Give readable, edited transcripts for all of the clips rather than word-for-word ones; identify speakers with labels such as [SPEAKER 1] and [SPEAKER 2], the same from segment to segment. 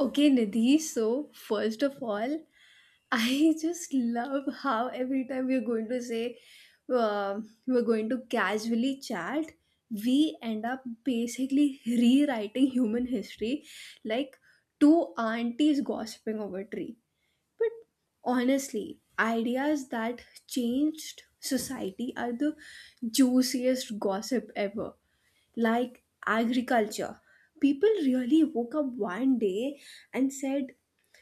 [SPEAKER 1] Okay, Nidhi, so first of all, I just love how every time we're going to say we're going to casually chat, we end up basically rewriting human history like two aunties gossiping over tree. But honestly, ideas that changed society are the juiciest gossip ever like agriculture. People really woke up one day and said,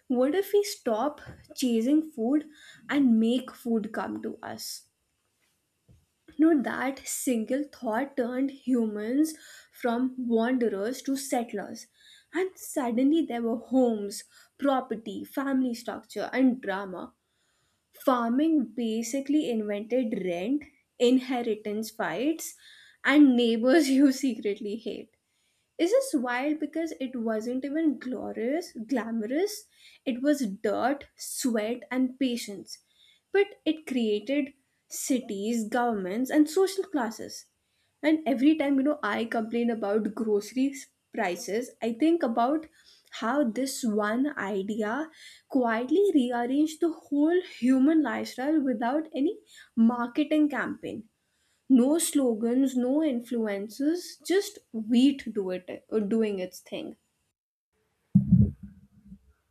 [SPEAKER 1] what if we stop chasing food and make food come to us? No, that single thought turned humans from wanderers to settlers. And suddenly there were homes, property, family structure, and drama. Farming basically invented rent, inheritance fights, and neighbors you secretly hate. This is wild because it wasn't even glorious, glamorous. It was dirt, sweat, and patience. But it created cities, governments, and social classes. And every time, I complain about prices, I think about how this one idea quietly rearranged the whole human lifestyle without any marketing campaign. No slogans, no influences, just wheat do it or doing its thing.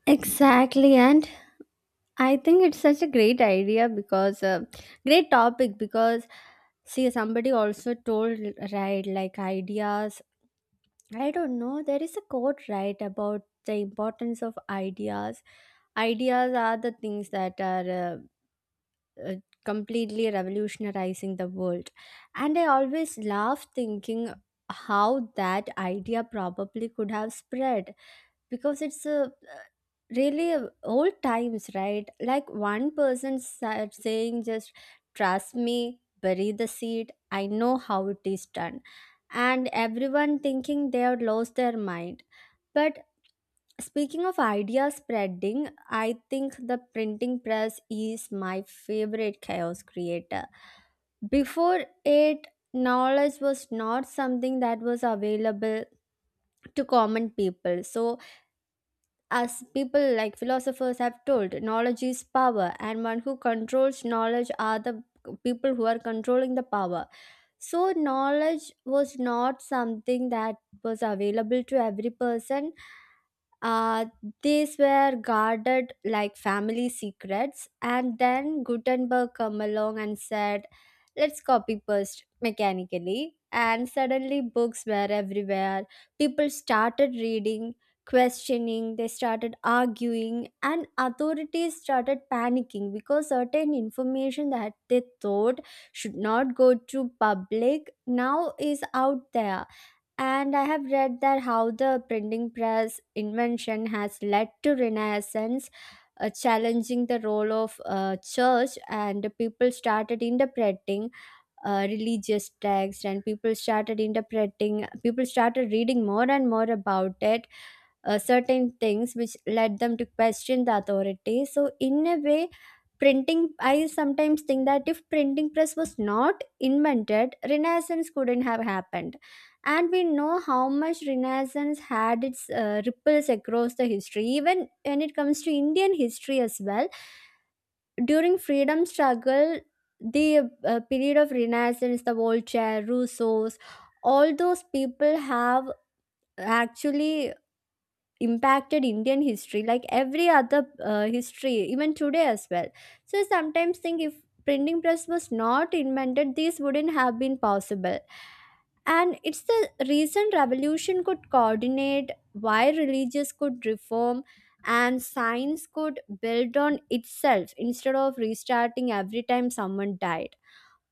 [SPEAKER 2] Exactly, and I think it's such a great idea because great topic because see somebody also told right like ideas. I don't know. There is a quote right about the importance of ideas. Ideas are the things that are uh, completely revolutionizing the world, and I always laugh thinking how that idea probably could have spread because it's a really old times right like one person said saying just trust me, bury the seed, I know how it is done. And everyone thinking they have lost their mind. But speaking of idea spreading, I think the printing press is my favorite chaos creator. Before it, knowledge was not something that was available to common people. So as people like philosophers have told, knowledge is power, and one who controls knowledge are the people who are controlling the power. So, knowledge was not something that was available to every person. uh, these were guarded like family secrets, and then Gutenberg come along and said, "Let's copy paste mechanically." And suddenly, books were everywhere. People started reading, questioning. They started arguing, and authorities started panicking because certain information that they thought should not go to public now is out there. And I have read that how the printing press invention has led to renaissance, challenging the role of church, and people started interpreting religious text, and people started interpreting, people started reading more and more about it. Certain things which led them to question the authority, so in a way printing, I sometimes think that if printing press was not invented, renaissance couldn't have happened. And we know how much renaissance had its ripples across the history, even when it comes to Indian history as well. During freedom struggle, the period of renaissance, the Voltaire, Rousseau's, all those people have actually impacted Indian history like every other history, even today as well. So I sometimes think if printing press was not invented, this wouldn't have been possible. And it's the reason revolution could coordinate, why religious could reform, and science could build on itself instead of restarting every time someone died.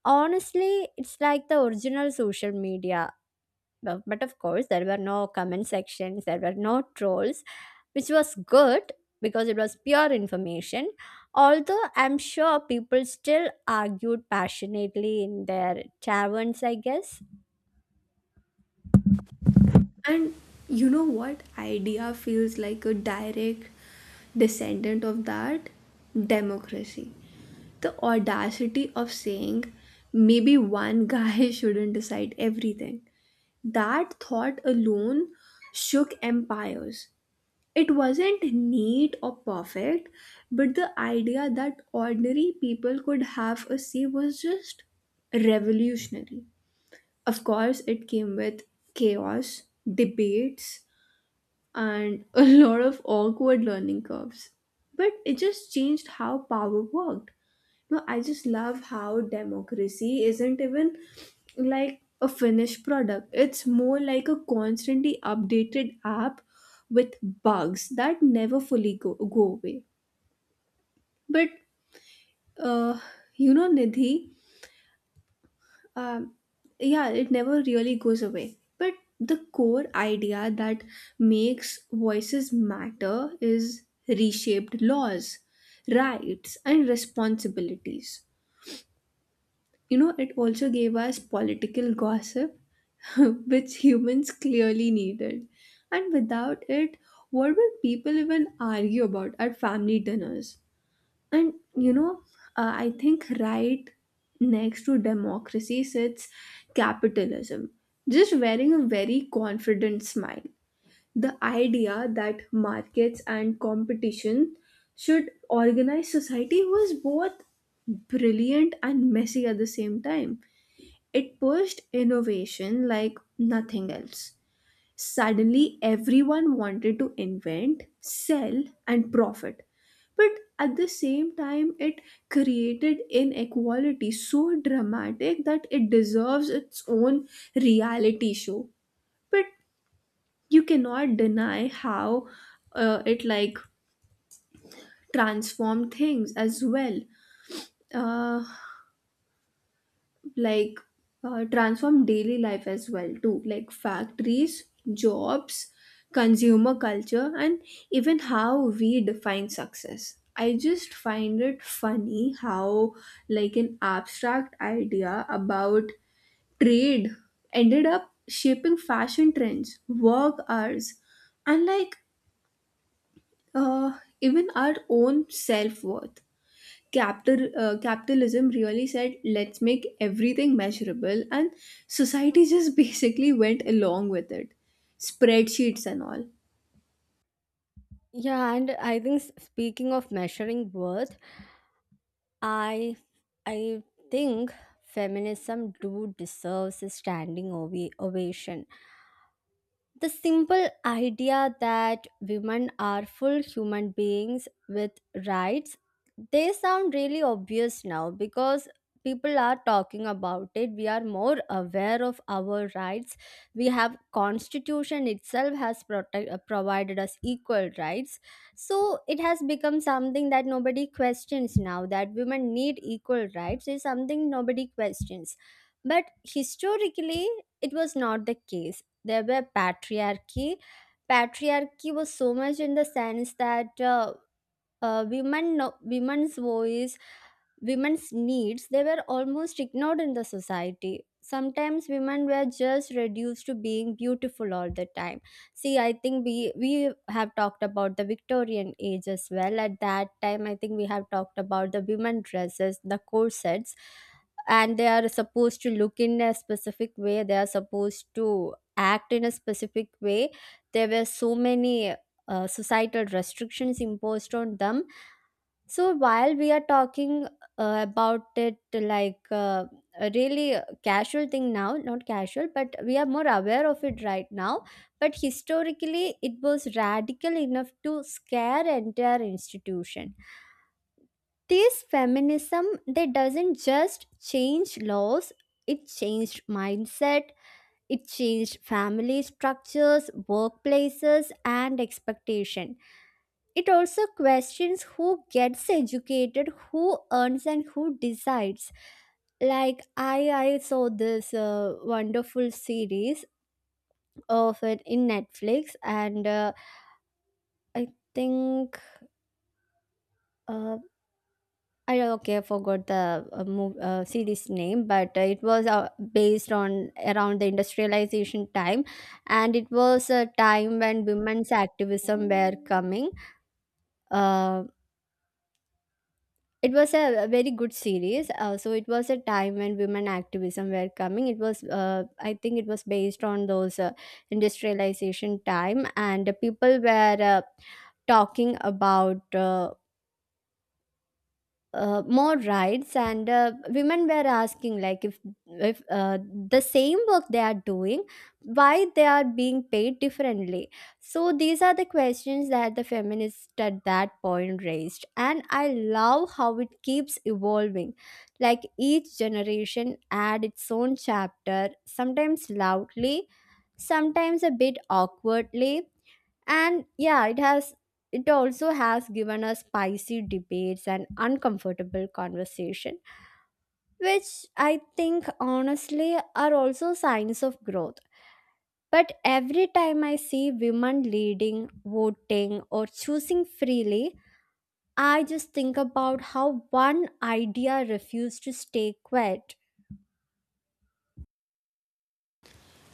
[SPEAKER 2] Honestly, it's like the original social media. Well, but of course, there were no comment sections, there were no trolls, which was good because it was pure information. Although I'm sure people still argued passionately in their taverns, I guess.
[SPEAKER 1] And you know what? Idea feels like a direct descendant of that democracy. The audacity of saying maybe one guy shouldn't decide everything. That thought alone shook empires. It wasn't neat or perfect, but the idea that ordinary people could have a say was just revolutionary. Of course, it came with chaos, debates, and a lot of awkward learning curves, but it just changed how power worked. No, I just love how democracy isn't even like a finished product. It's more like a constantly updated app with bugs that never fully go away. But uh, you know, Nidhi, um, yeah, it never really goes away. But the core idea that makes voices matter is reshaped laws, rights, and responsibilities. You know, it also gave us political gossip, which humans clearly needed. And without it, what would people even argue about at family dinners? And you know, I think right next to democracy sits capitalism, just wearing a very confident smile. The idea that markets and competition should organize society was both brilliant and messy at the same time. It pushed innovation like nothing else. Suddenly, everyone wanted to invent, sell, and profit. But at the same time, it created inequality so dramatic that it deserves its own reality show. But you cannot deny how it like transformed things as well. Uh, like transform daily life as well too, like factories, jobs, consumer culture, and even how we define success. I just find it funny how like an abstract idea about trade ended up shaping fashion trends, work hours, and like even our own self-worth. Capitalism really said, let's make everything measurable, and society just basically went along with it, spreadsheets and all.
[SPEAKER 2] Yeah, and I think speaking of measuring worth, I I think feminism do deserves a standing ovation. The simple idea that women are full human beings with rights, they sound really obvious now because people are talking about it, we are more aware of our rights, we have constitution itself has provided us equal rights. So it has become something that nobody questions now that women need equal rights is something nobody questions. But historically, it was not the case. There were patriarchy. Patriarchy was so much in the sense that women no, women's voice, women's needs, they were almost ignored in the society. Sometimes women were just reduced to being beautiful all the time. See, I think we have talked about the Victorian age as well. At that time I think we have talked about the women dresses, the corsets, and they are supposed to look in a specific way, they are supposed to act in a specific way. There were so many societal restrictions imposed on them. So while we are talking about it like a really casual thing now, not casual, but we are more aware of it right now. But historically, it was radical enough to scare entire institution. This feminism, they doesn't just change laws; it changed mindset, it changed family structures, workplaces, and expectation. It also questions who gets educated, who earns, and who decides. Like I saw this wonderful series of it in Netflix, and I think uh, I don't- okay, I forgot the series name, but it was based on around the industrialization time, and it was a time when women's activism were coming. Um It was a very good series. So it was a time when women activism were coming. It was, I think, it was based on those industrialization time, and the people were talking about more rights, and women were asking like if if uh, the same work they are doing, why they are being paid differently. So these are the questions that the feminists at that point raised, and I love how it keeps evolving, like each generation add its own chapter, sometimes loudly, sometimes a bit awkwardly. And yeah, it has, it also has given us spicy debates and uncomfortable conversation which I think honestly are also signs of growth. But every time I see women leading, voting, or choosing freely, I just think about how one idea refused to stay quiet.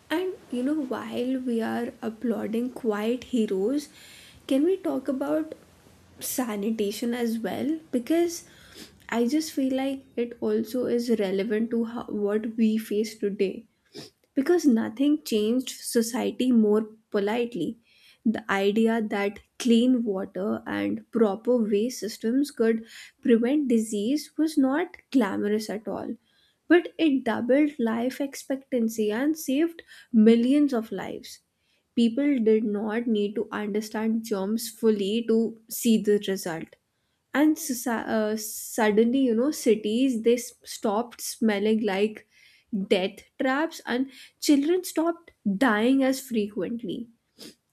[SPEAKER 1] And you know, while we are applauding quiet heroes, can we talk about sanitation as well, because I just feel like it also is relevant to how, what we face today. Because nothing changed society more politely. The idea that clean water and proper waste systems could prevent disease was not glamorous at all, but it doubled life expectancy and saved millions of lives. People did not need to understand germs fully to see the result, and suddenly, you know, cities, stopped smelling like death traps, and children stopped dying as frequently.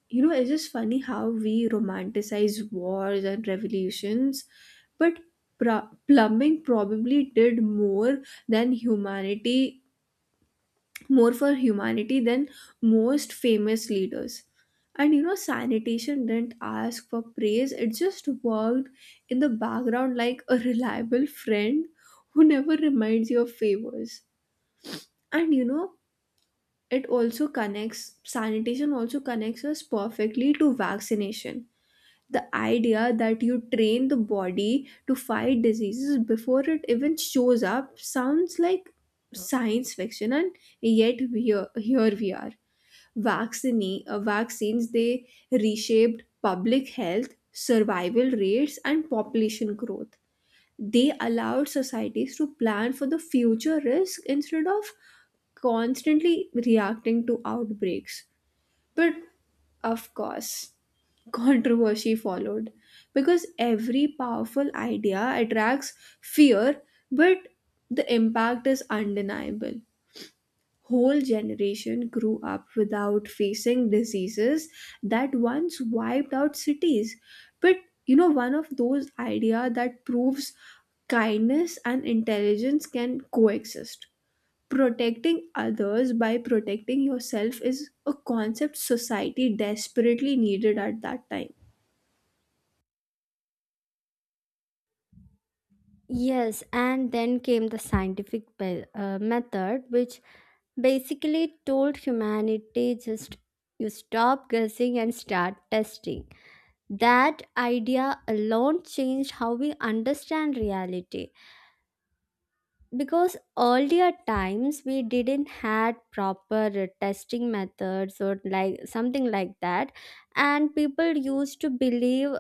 [SPEAKER 1] You know, it's just funny how we romanticize wars and revolutions, but plumbing probably did than humanity more for humanity than most famous leaders. And you know, sanitation didn't ask for praise, it just worked in the background like a reliable friend who never reminds you of favors. And you know, it also connects, sanitation also connects us perfectly to vaccination. The idea that you train the body to fight diseases before it even shows up sounds like science fiction, and yet we are, here we are. Vaccines, they reshaped public health, survival rates, and population growth. They allowed societies to plan for the future risk instead of constantly reacting to outbreaks. But of course, controversy followed, because every powerful idea attracts fear. But the impact is undeniable. Whole generation grew up without facing diseases that once wiped out cities. But you know, one of those idea that proves kindness and intelligence can coexist, protecting others by protecting yourself, is a concept society desperately needed at that time.
[SPEAKER 2] Yes, and then came the scientific method, which basically told humanity just you stop guessing and start testing. That idea alone changed how we understand reality because earlier times we didn't had proper testing methods or like something like that. And people used to believe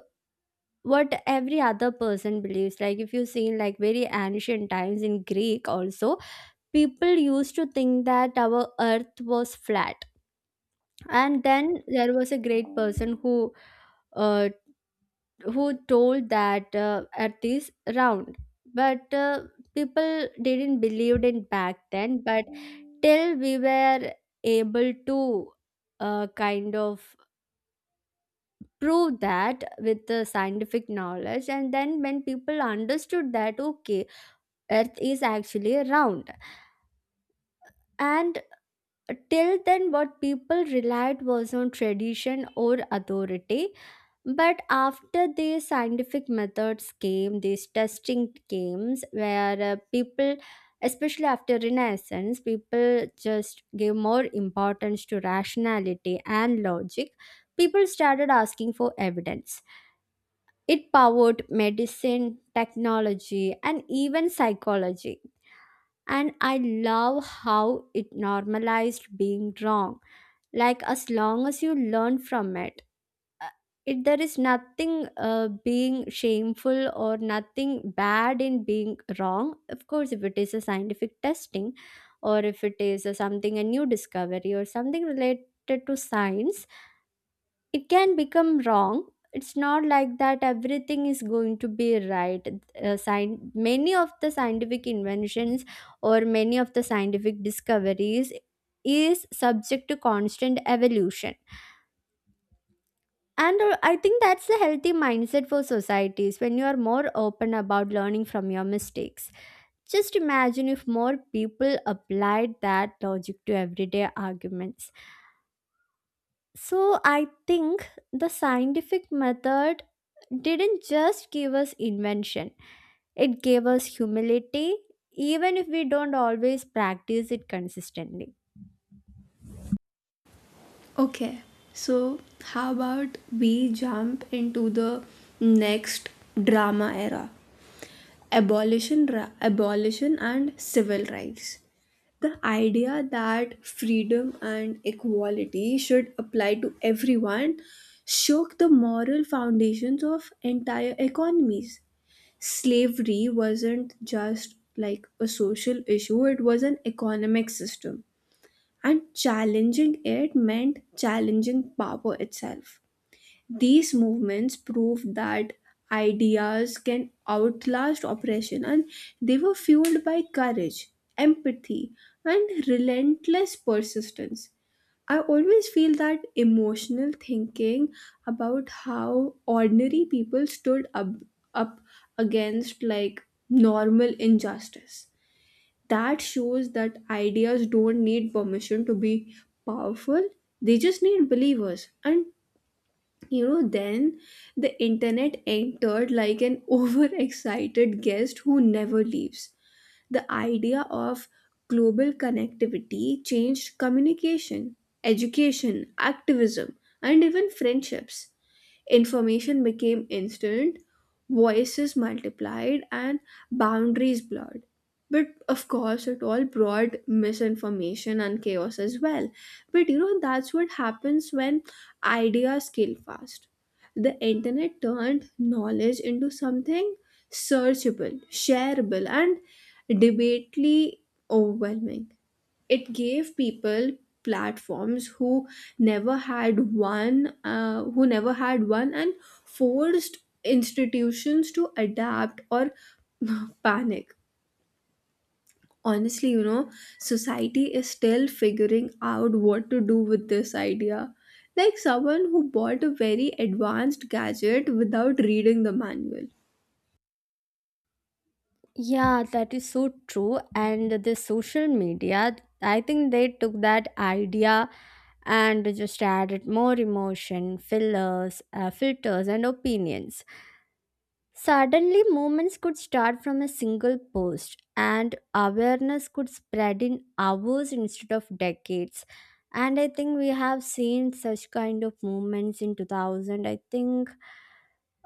[SPEAKER 2] what every other person believes, like if you see in like very ancient times in Greek also, people used to think that our earth was flat. And then there was a great person uh, who told that at this round. But people didn't believe it back then, but till we were able to kind of prove that with the scientific knowledge. And then when people understood that okay, earth is actually round, and till then what people relied was on tradition or authority. But after these scientific methods came, these testing games where people, especially after renaissance, people just gave more importance to rationality and logic. People started asking for evidence. It powered medicine, technology, and even psychology. And I love how it normalized being wrong, like as long as you learn from it, uh, it there is nothing being shameful or nothing bad in being wrong. Of course, if it is a scientific testing or if it is a something a new discovery or something related to science, it can become wrong. It's not like that everything is going to be right. Many of the scientific inventions or many of the scientific discoveries is subject to constant evolution. And I think that's a healthy mindset for societies when you are more open about learning from your mistakes. Just imagine if more people applied that logic to everyday arguments. So I think the scientific method didn't just give us invention, it gave us humility, even if we don't always practice it consistently.
[SPEAKER 1] Okay, so how about we jump into the next drama era? Abolition and civil rights. The idea that freedom and equality should apply to everyone shook the moral foundations of entire economies. Slavery wasn't just like a social issue, it was an economic system, and challenging it meant challenging power itself. These movements proved that ideas can outlast oppression, and they were fueled by courage, empathy, and relentless persistence. I always feel that emotional thinking about how ordinary people stood up against like normal injustice, that shows that ideas don't need permission to be powerful. They just need believers. And you know, then the internet entered like an overexcited guest who never leaves. The idea of global connectivity changed communication, education, activism, and even friendships. Information became instant, voices multiplied, and boundaries blurred. But of course, it all brought misinformation and chaos as well. But you know, that's what happens when ideas scale fast. The internet turned knowledge into something searchable, shareable, and debately overwhelming. It gave people platforms who never had one, and forced institutions to adapt or panic. Honestly, you know, society is still figuring out what to do with this idea, like someone who bought a very advanced gadget without reading the manual.
[SPEAKER 2] Yeah, that is so true. And the social media, I think they took that idea and just added more emotion, fillers, filters, and opinions. Suddenly, movements could start from a single post, and awareness could spread in hours instead of decades. And I think we have seen such kind of movements in 2000. I think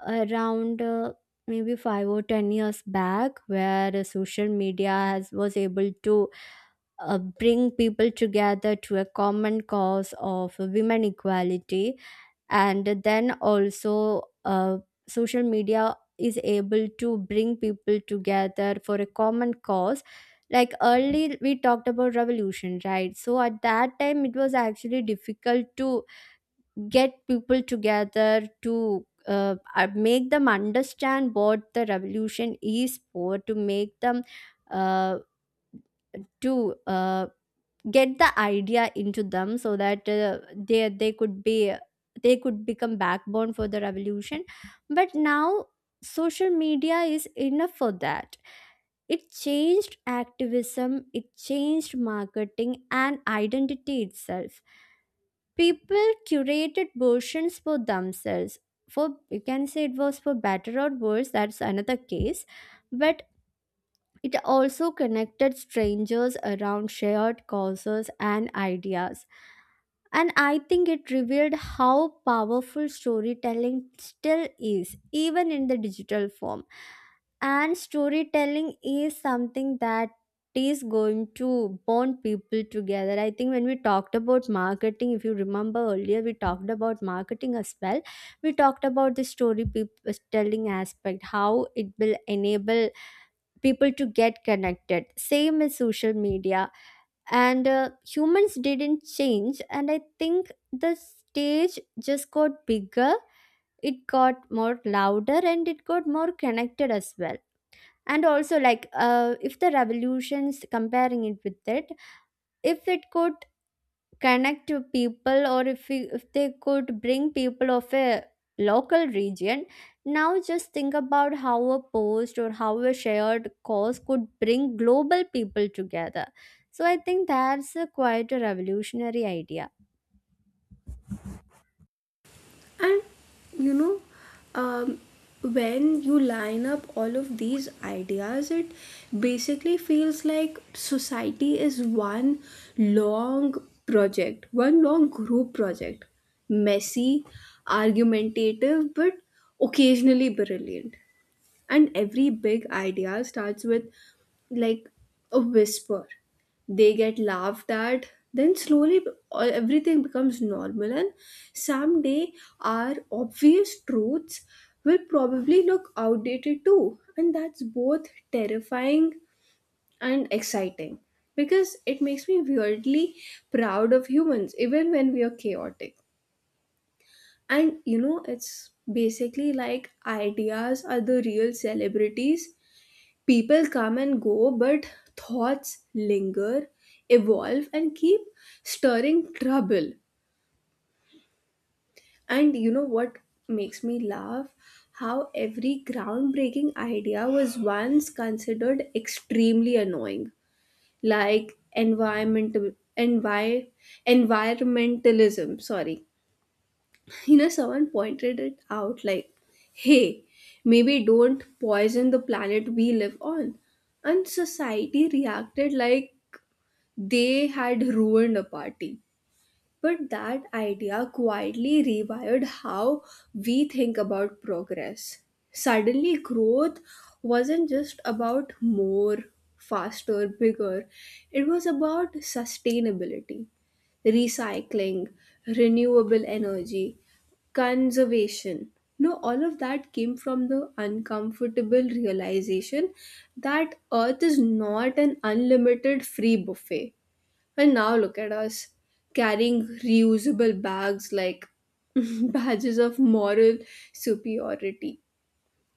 [SPEAKER 2] around maybe 5 or 10 years back, where social media has was able to bring people together to a common cause of women equality. And then also social media is able to bring people together for a common cause. Like early we talked about revolution, right? So at that time it was actually difficult to get people together to make them understand what the revolution is for, to make them uh, to get the idea into them so that they they could be, they could become backbone for the revolution. But now social media is enough for that. It changed activism, it changed marketing, and identity itself, people curated versions for themselves. For you can say it was for better or worse, that's another case. But it also connected strangers around shared causes and ideas. And I think it revealed how powerful storytelling still is, even in the digital form. And storytelling is something that is going to bond people together. I think when we talked about marketing, if you remember earlier, we talked about marketing as well. We talked about the telling aspect, how it will enable people to get connected same as social media. And humans didn't change, and I think the stage just got bigger, it got more louder, and it got more connected as well. And also like if the revolutions comparing it with it, if it got connect to people, or if, we, if they could bring people of a local region, now just think about how a post or how a shared cause could bring global people together. So I think that's a quite a revolutionary idea.
[SPEAKER 1] And you know, um, when you line up all of these ideas, it basically feels like society is one long project, one long group project, messy, argumentative, but occasionally brilliant. And every big idea starts with like a whisper. They get laughed at, then slowly everything becomes normal, and someday our obvious truths will probably look outdated too, and that's both terrifying and exciting, because it makes me weirdly proud of humans even when we are chaotic. And you know, it's basically like ideas are the real celebrities. People come and go, but thoughts linger, evolve, and keep stirring trouble. And you know what makes me laugh? How every groundbreaking idea was once considered extremely annoying, like environmental envi- environmentalism. Sorry, you know, someone pointed it out like, hey, maybe don't poison the planet we live on, and society reacted like they had ruined a party. But that idea quietly rewired how we think about progress. Suddenly, growth wasn't just about more, faster, bigger, it was about sustainability, recycling, renewable energy, conservation. No, all of that came from the uncomfortable realization that Earth is not an unlimited free buffet, and now look at us carrying reusable bags like badges of moral superiority.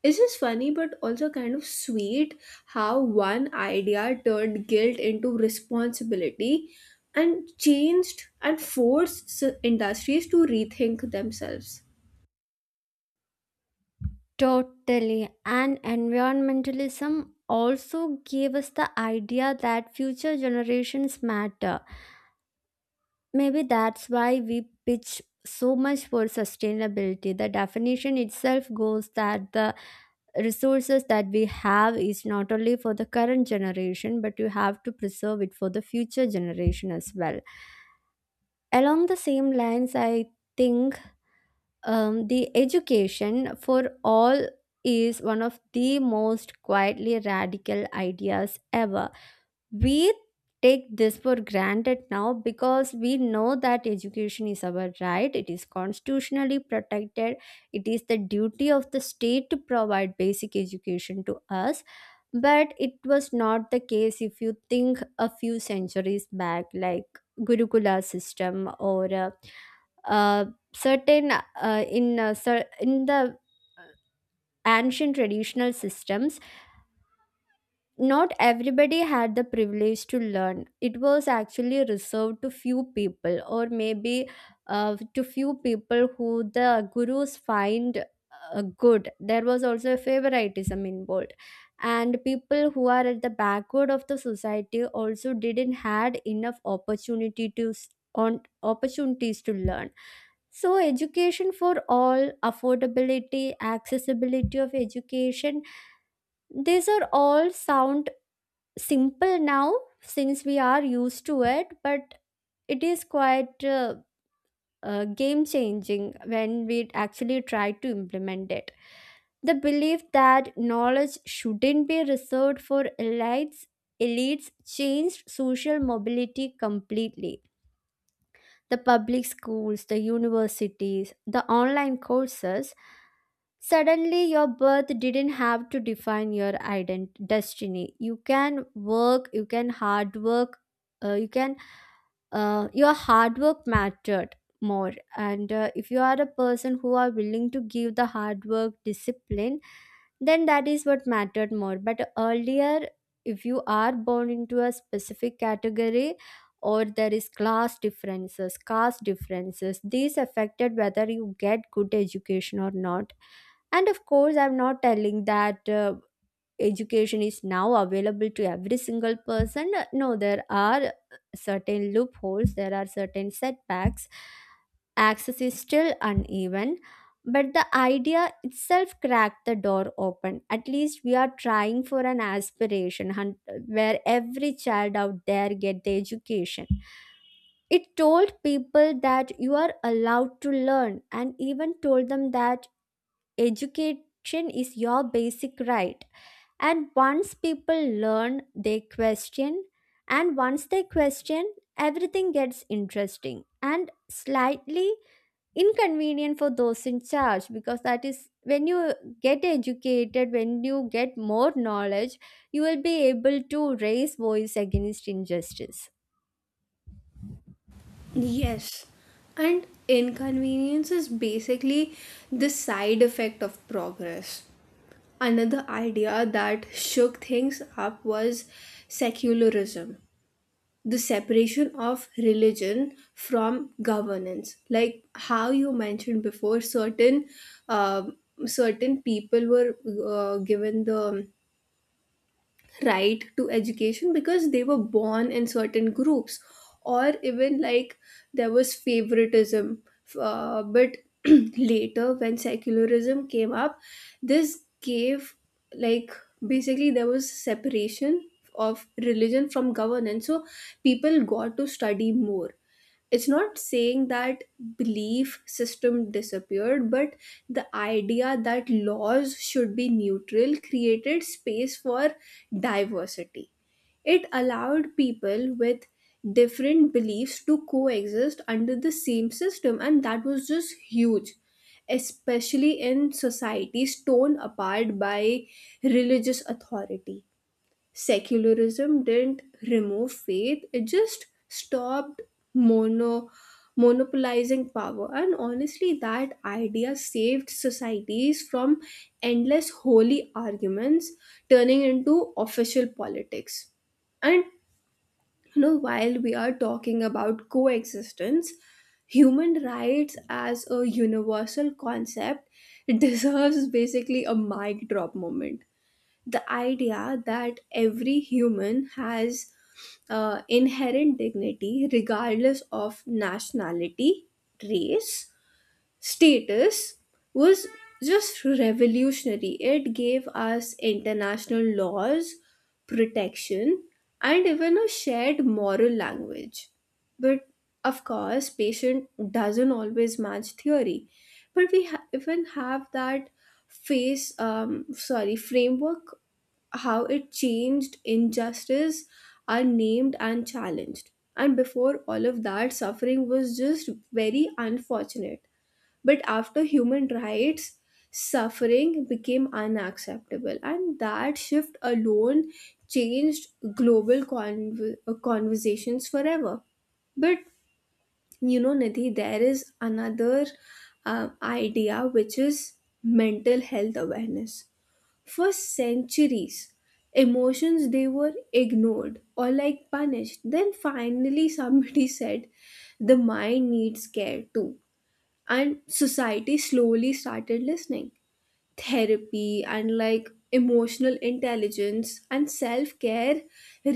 [SPEAKER 1] It's just funny but also kind of sweet how one idea turned guilt into responsibility and changed and forced industries to rethink themselves.
[SPEAKER 2] Totally. And environmentalism also gave us the idea that future generations matter. Maybe that's why we pitch so much for sustainability. The definition itself goes that the resources that we have is not only for the current generation, but you have to preserve it for the future generation as well. Along the same lines, I think the education for all is one of the most quietly radical ideas ever. We take this for granted now because we know that education is our right, it is constitutionally protected, it is the duty of the state to provide basic education to us. But it was not the case if you think a few centuries back, like gurukula system or uh, certain in the ancient traditional systems, not everybody had the privilege to learn. It was actually reserved to few people or maybe to few people who the gurus find good. There was also a favoritism involved, and people who are at the backward of the society also didn't had enough opportunity to on opportunities to learn. So education for all, affordability, accessibility of education, these are all sound simple now since we are used to it, but it is quite game changing when we actually try to implement it. The belief that knowledge shouldn't be reserved for elites changed social mobility completely. The public schools, the universities, the online courses, suddenly your birth didn't have to define your destiny. You can work, you can hard work, uh, you can, your hard work mattered more. And if you are a person who are willing to give the hard work discipline, then that is what mattered more. But earlier, if you are born into a specific category, or there is class differences, caste differences, these affected whether you get good education or not. And of course, I'm not telling that education is now available to every single person. No, there are certain loopholes, there are certain setbacks, access is still uneven. But the idea itself cracked the door open, at least we are trying for an aspiration where every child out there get the education. It told people that you are allowed to learn, and even told them that education is your basic right. And once people learn, they question. And once they question, everything gets interesting and slightly inconvenient for those in charge, because that is when you get educated, when you get more knowledge, you will be able to raise voice against injustice.
[SPEAKER 1] Yes, and inconvenience is basically the side effect of progress. Another idea that shook things up was secularism, the separation of religion from governance. Like how you mentioned before, certain um certain people were given the right to education because they were born in certain groups, or even like there was favoritism, but later when secularism came up, this gave like, basically, there was separation of religion from governance, so people got to study more. It's not saying that belief system disappeared, but the idea that laws should be neutral created space for diversity. It allowed people with different beliefs to coexist under the same system, and that was just huge, especially in societies torn apart by religious authority. Secularism didn't remove faith, it just stopped mono monopolizing power, and honestly that idea saved societies from endless holy arguments turning into official politics. And you know, while we are talking about coexistence, human rights as a universal concept deserves basically a mic drop moment. The idea that every human has inherent dignity regardless of nationality, race, status was just revolutionary. It gave us international laws, protection, and even a shared moral language. But of course, patient doesn't always match theory. But we even have that framework, how it changed injustice are named and challenged. And before all of that, suffering was just very unfortunate, but after human rights, suffering became unacceptable, and that shift alone changed global conversations forever. But you know, Nidhi, there is another idea, which is mental health awareness. For centuries, emotions, they were ignored or like punished. Then finally, somebody said the mind needs care too, and society slowly started listening. Therapy and like emotional intelligence and self-care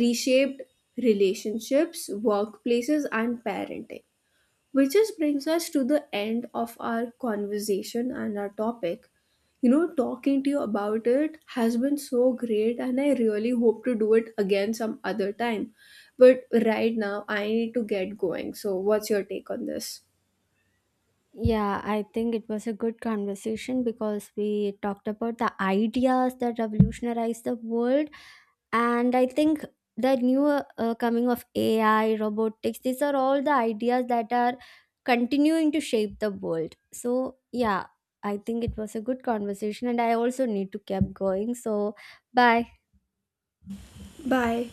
[SPEAKER 1] reshaped relationships, workplaces, and parenting, which just brings us to the end of our conversation and our topic. You know, talking to you about it has been so great, and I really hope to do it again some other time. But right now I need to get going. So what's your take on this?
[SPEAKER 2] Yeah, I think it was a good conversation because we talked about the ideas that revolutionized the world. And I think the new coming of AI robotics, these are all the ideas that are continuing to shape the world. So yeah, I think it was a good conversation, and I also need to keep going. So bye.
[SPEAKER 1] Bye.